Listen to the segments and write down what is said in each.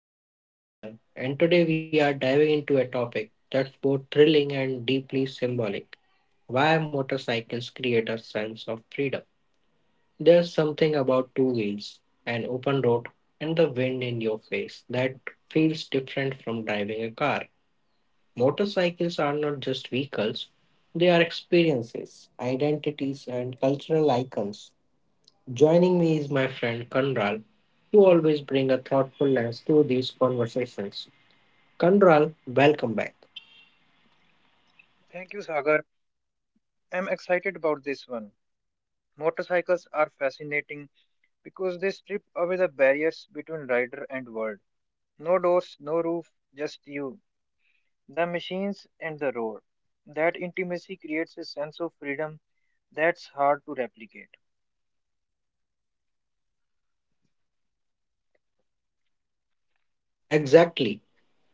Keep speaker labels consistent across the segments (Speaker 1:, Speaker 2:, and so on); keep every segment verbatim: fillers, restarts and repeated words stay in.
Speaker 1: I am your host Sagar, and today we are diving into a topic that's both thrilling and deeply symbolic. Why motorcycles create a sense of freedom. There's something about two wheels, an open road, and the wind in your face that feels different from driving a car. Motorcycles are not just vehicles, they are experiences, identities, and cultural icons. Joining me is my friend Kanral, who always brings a thoughtfulness to these conversations. Kanral, welcome back.
Speaker 2: Thank you, Sagar. I'm excited about this one. Motorcycles are fascinating because they strip away the barriers between rider and world. No doors, no roof, just you, the machines, and the road. That intimacy creates a sense of freedom that's hard to replicate.
Speaker 1: Exactly,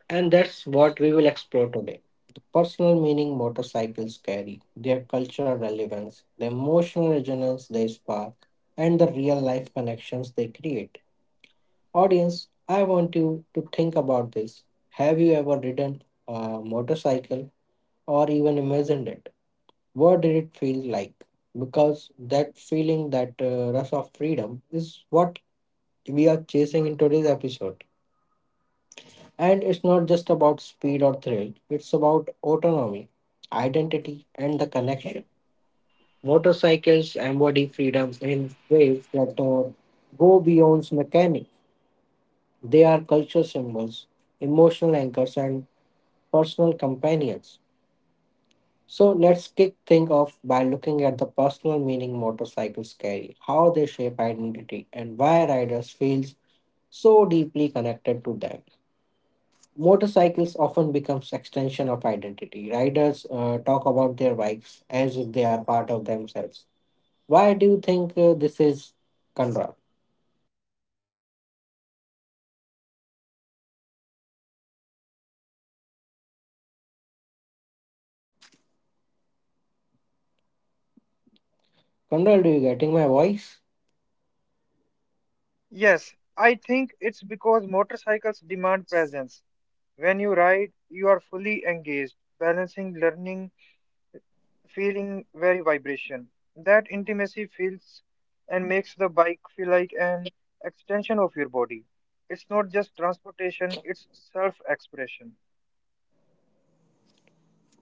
Speaker 1: and that's what we will explore today. The personal meaning motorcycles carry, their cultural relevance, the emotional resonance they spark, and the real life connections they create. Audience, I want you to think about this. Have you ever ridden a motorcycle or even imagined it? What did it feel like? Because that feeling, that uh, rush of freedom, is what we are chasing in today's episode. And it's not just about speed or thrill, it's about autonomy, identity, and the connection. Motorcycles embody freedom in ways that uh, go beyond mechanics. They are cultural symbols, emotional anchors, and personal companions. So let's kick things off by looking at the personal meaning motorcycles carry, how they shape identity, and why riders feel so deeply connected to them. Motorcycles often becomes extension of identity. Riders uh, talk about their bikes as if they are part of themselves. Why do you think uh, this is, Conrad? Conrad, do you getting my voice?
Speaker 2: Yes, I think it's because motorcycles demand presence. When you ride, you are fully engaged, balancing learning feeling very vibration. That intimacy feels and makes the bike feel like an extension of your body. It's not just transportation, it's self expression.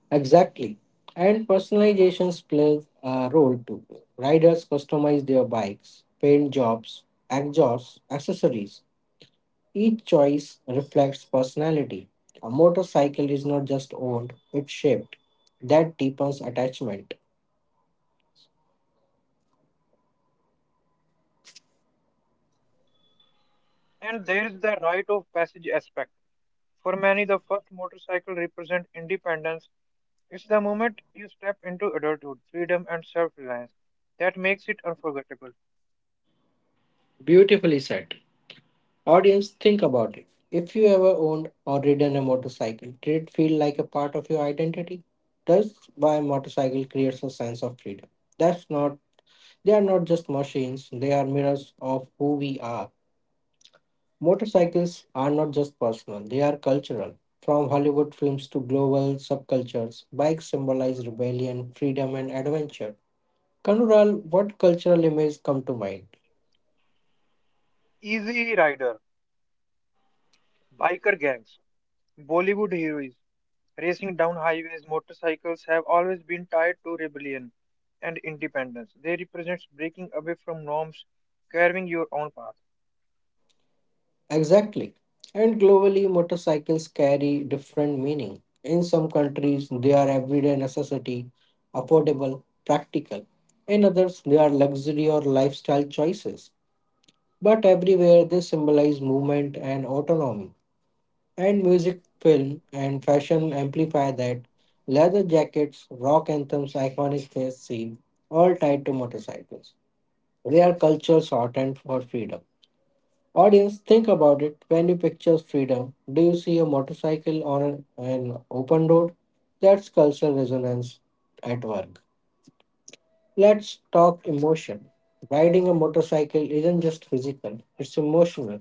Speaker 1: Exactly. And personalizations play a role too. Riders customize their bikes, paint jobs, exhausts, accessories. Each choice reflects personality. A motorcycle is not just owned, it's shaped. That deepens attachment.
Speaker 2: And there is the rite of passage aspect. For many, the first motorcycle represents independence. It's the moment you step into adulthood, freedom, and self reliance that makes it unforgettable.
Speaker 1: Beautifully said. Audience, think about it. If you ever owned or ridden a motorcycle, did it feel like a part of your identity? That's why motorcycle creates a sense of freedom. That's not They are not just machines, they are mirrors of who we are. Motorcycles are not just personal, they are cultural. From Hollywood films to global subcultures, bikes symbolize rebellion, freedom, and adventure. Kanural, what cultural images come to mind?
Speaker 2: Easy Rider, Biker Gangs, Bollywood Heroes. Racing down highways, motorcycles have always been tied to rebellion and independence. They represent breaking away from norms, carving your own path.
Speaker 1: Exactly. And globally, motorcycles carry different meaning. In some countries, they are everyday necessity, affordable, practical. In others, they are luxury or lifestyle choices. But everywhere they symbolize movement and autonomy. And music, film, and fashion amplify that. Leather jackets, rock anthems, iconic theft scene, all tied to motorcycles. They are cultural shorthand for freedom. Audience, think about it. When you picture freedom, do you see a motorcycle on a- an open road? That's cultural resonance at work. Let's talk emotion. Riding a motorcycle isn't just physical, it's emotional.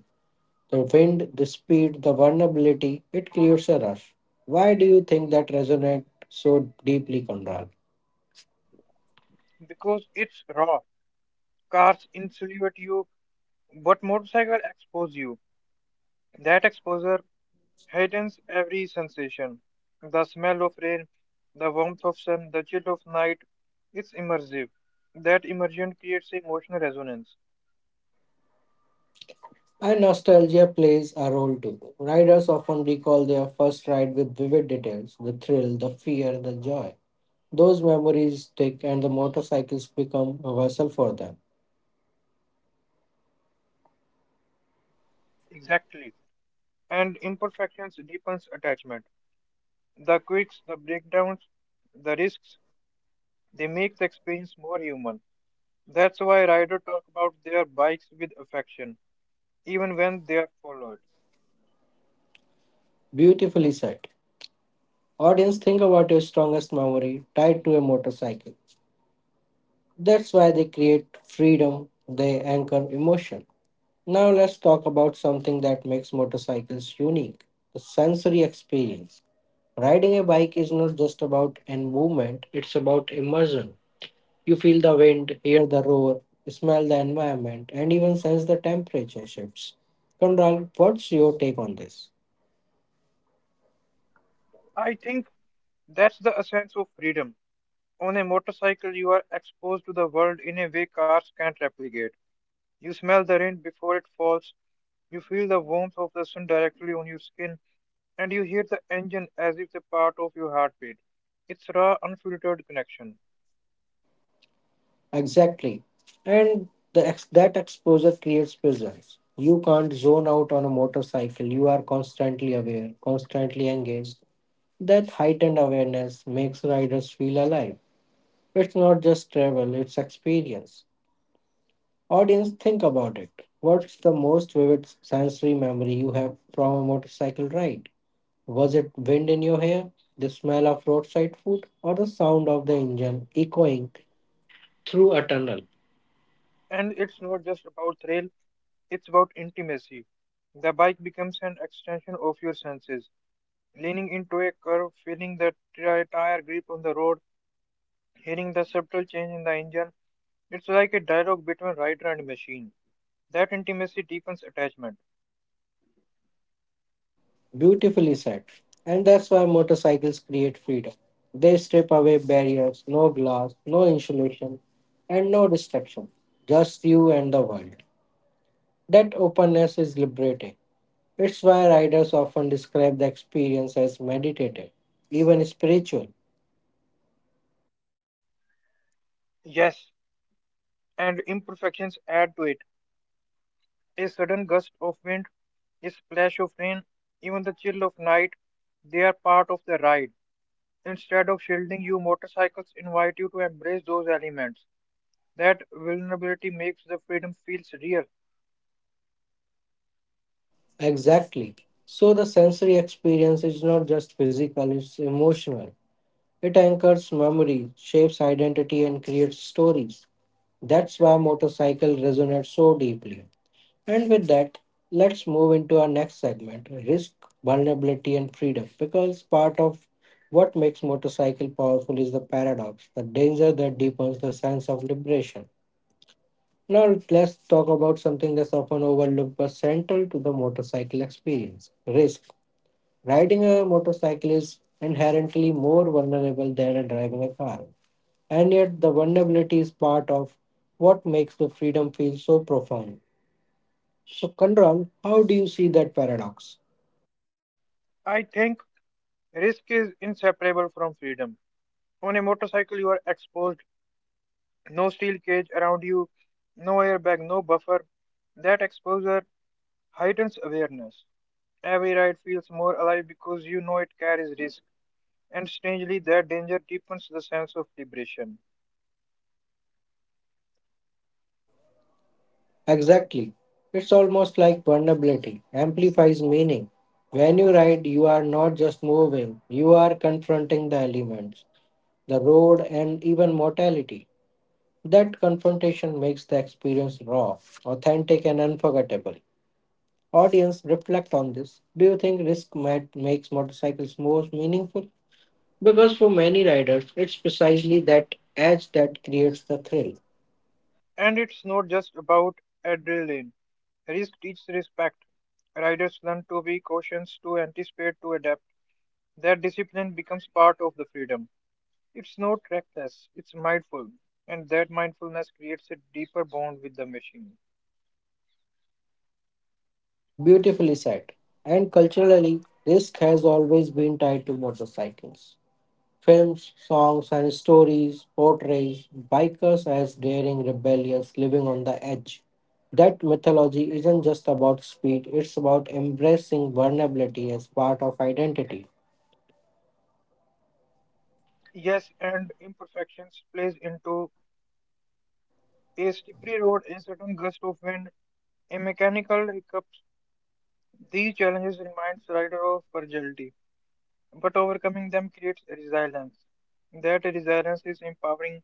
Speaker 1: The wind, the speed, the vulnerability, it creates a rush. Why do you think that resonates so deeply, Conrad?
Speaker 2: Because it's raw. Cars insulate you, but motorcycles expose you. That exposure heightens every sensation. The smell of rain, the warmth of sun, the chill of night. It's immersive. That immersion creates emotional resonance.
Speaker 1: And nostalgia plays a role too. Riders often recall their first ride with vivid details: the thrill, the fear, the joy. Those memories stick, and the motorcycles become a vessel for them.
Speaker 2: Exactly. And imperfections deepens attachment. The quirks, the breakdowns, the risks, they make the experience more human. That's why riders talk about their bikes with affection, even when they are followed.
Speaker 1: Beautifully said. Audience, think about your strongest memory tied to a motorcycle. That's why they create freedom, they anchor emotion. Now let's talk about something that makes motorcycles unique: the sensory experience. Riding a bike is not just about an movement, it's about immersion. You feel the wind, hear the roar, smell the environment, and even sense the temperature shifts. Conral, what's your take on this?
Speaker 2: I think that's the essence of freedom. On a motorcycle, you are exposed to the world in a way cars can't replicate. You smell the rain before it falls, you feel the warmth of the sun directly on your skin, and you hear the engine as if they're part of your heartbeat. It's raw, unfiltered connection.
Speaker 1: Exactly. And the ex- that exposure creates presence. You can't zone out on a motorcycle. You are constantly aware, constantly engaged. That heightened awareness makes riders feel alive. It's not just travel, it's experience. Audience, think about it. What's the most vivid sensory memory you have from a motorcycle ride? Was it wind in your hair, the smell of roadside food, or the sound of the engine echoing through a tunnel?
Speaker 2: And it's not just about thrill, it's about intimacy. The bike becomes an extension of your senses. Leaning into a curve, feeling the tri- tire grip on the road, hearing the subtle change in the engine. It's like a dialogue between rider and machine. That intimacy deepens attachment.
Speaker 1: Beautifully said. And that's why motorcycles create freedom. They strip away barriers, no glass, no insulation, and no distraction. Just you and the world. That openness is liberating. It's why riders often describe the experience as meditative, even spiritual.
Speaker 2: Yes, and imperfections add to it. A sudden gust of wind, a splash of rain, even the chill of night, they are part of the ride. Instead of shielding you, motorcycles invite you to embrace those elements. That vulnerability makes the freedom feels real.
Speaker 1: Exactly. So the sensory experience is not just physical, it's emotional. It anchors memory, shapes identity, and creates stories. That's why motorcycle resonates so deeply. And with that, let's move into our next segment: risk, vulnerability, and freedom. Because part of what makes motorcycle powerful is the paradox, the danger that deepens the sense of liberation. Now, let's talk about something that's often overlooked but central to the motorcycle experience: risk. Riding a motorcycle is inherently more vulnerable than driving a car. And yet, the vulnerability is part of what makes the freedom feel so profound. So, Kandral, how do you see that paradox?
Speaker 2: I think risk is inseparable from freedom. On a motorcycle, you are exposed, no steel cage around you, no airbag, no buffer. That exposure heightens awareness. Every ride feels more alive because you know it carries risk, and strangely, that danger deepens the sense of liberation.
Speaker 1: Exactly. It's almost like vulnerability amplifies meaning. When you write, you are not just moving, you are confronting the elements, the road, and even mortality. That confrontation makes the experience raw, authentic, and unforgettable. Audience, reflect on this. Do you think risk might makes motorcycles more meaningful? Because for many riders, it's precisely that edge that creates the thrill.
Speaker 2: And it's not just about adrenaline. Risk teaches respect. Riders learn to be cautious, to anticipate, to adapt. That discipline becomes part of the freedom. It's not reckless, it's mindful, and that mindfulness creates a deeper bond with the machine.
Speaker 1: Beautifully said. And culturally, risk has always been tied to motorcycles. Films, songs, and stories portrays bikers as daring, rebellious, living on the edge. That mythology isn't just about speed, it's about embracing vulnerability as part of identity.
Speaker 2: Yes, and imperfections plays into a slippery road, a sudden gust of wind, a mechanical hiccups. These challenges remind rider of fragility, but overcoming them creates resilience. That resilience is empowering,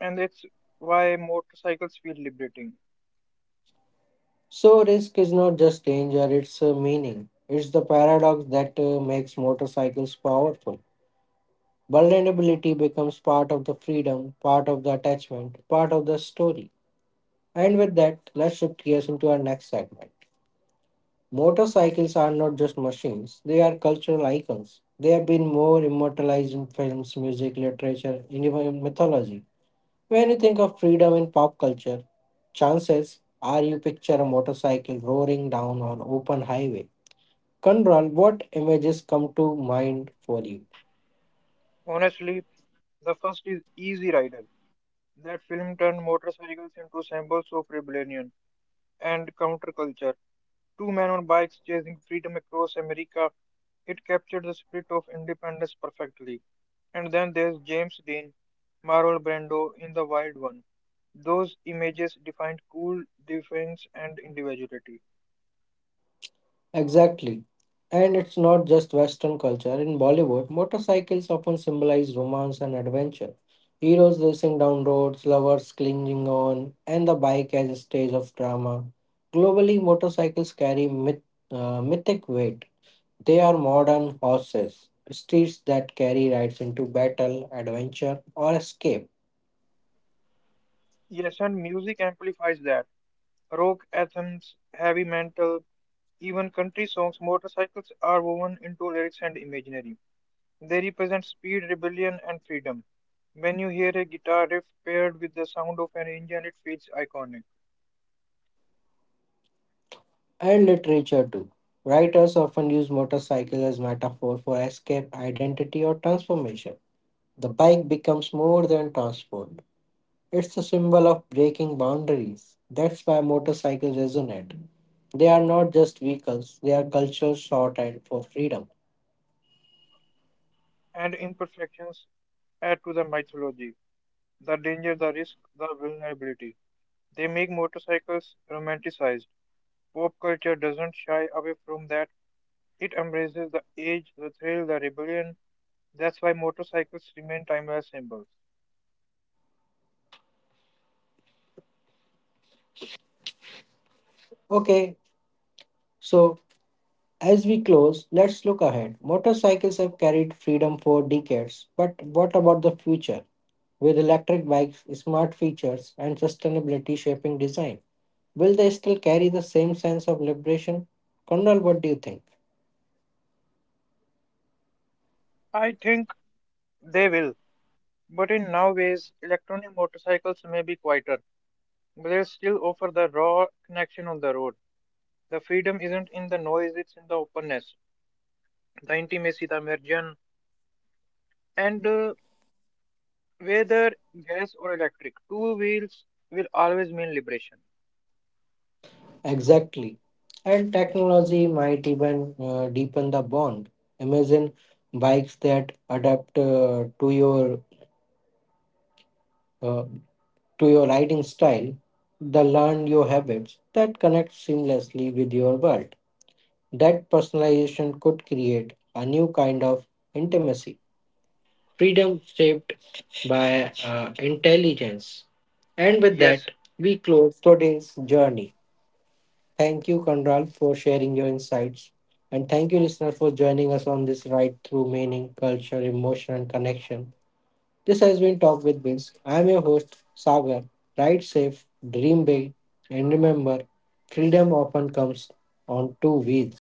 Speaker 2: and it's why motorcycles feel liberating.
Speaker 1: So, risk is not just danger, it's a meaning. It's the paradox that uh, makes motorcycles powerful. Vulnerability becomes part of the freedom, part of the attachment, part of the story. And with that, let's shift gears into our next segment. Motorcycles are not just machines, they are cultural icons. They have been more immortalized in films, music, literature, and even mythology. When you think of freedom in pop culture, chances are you picture a motorcycle roaring down on open highway. Kandral, what images come to mind for you?
Speaker 2: Honestly, the first is Easy Rider. That film turned motorcycles into symbols of rebellion and counterculture. Two men on bikes chasing freedom across America. It captured the spirit of independence perfectly. And then there's James Dean, Marlon Brando in The Wild One. Those images defined cool defense and individuality.
Speaker 1: Exactly. And it's not just Western culture. In Bollywood, motorcycles often symbolize romance and adventure. Heroes racing down roads, lovers clinging on, and the bike as a stage of drama. Globally, motorcycles carry myth, uh, mythic weight. They are modern horses, steeds that carry rides into battle, adventure, or escape,
Speaker 2: Yes, and music amplifies that. Rock anthems, heavy metal, even country songs, motorcycles are woven into lyrics and imaginary. They represent speed, rebellion, and freedom. When you hear a guitar riff paired with the sound of an engine, it feels iconic.
Speaker 1: and literature too. Writers often use motorcycle as metaphor for escape, identity, or transformation. The bike becomes more than transport. It's a symbol of breaking boundaries. That's why motorcycles resonate. They are not just vehicles, they are cultures short and for freedom.
Speaker 2: And imperfections add to the mythology the danger, the risk, the vulnerability. They make motorcycles romanticized. Pop culture doesn't shy away from that, it embraces the age, the thrill, the rebellion. That's why motorcycles remain timeless symbols.
Speaker 1: Okay, so as we close, let's look ahead. Motorcycles have carried freedom for decades, but what about the future? With electric bikes, smart features, and sustainability shaping design, will they still carry the same sense of liberation? Kondal, what do you think?
Speaker 2: I think they will, but in now ways, electronic motorcycles may be quieter. But they still offer the raw connection on the road. The freedom isn't in the noise, it's in the openness, the intimacy, the immersion. And uh, whether gas or electric, two wheels will always mean liberation.
Speaker 1: Exactly. And technology might even uh, deepen the bond. Imagine bikes that adapt uh, to your uh, to your riding style, the learn your habits that connect seamlessly with your world. That personalization could create a new kind of intimacy, freedom shaped by uh, intelligence. And with
Speaker 2: Yes.
Speaker 1: that, we close today's journey. Thank you, Kandral, for sharing your insights. And thank you, listener, for joining us on this ride through meaning, culture, emotion, and connection. This has been Talk with Biz. I'm your host, Sagar. Ride safe, dream big, and remember, freedom often comes on two wheels.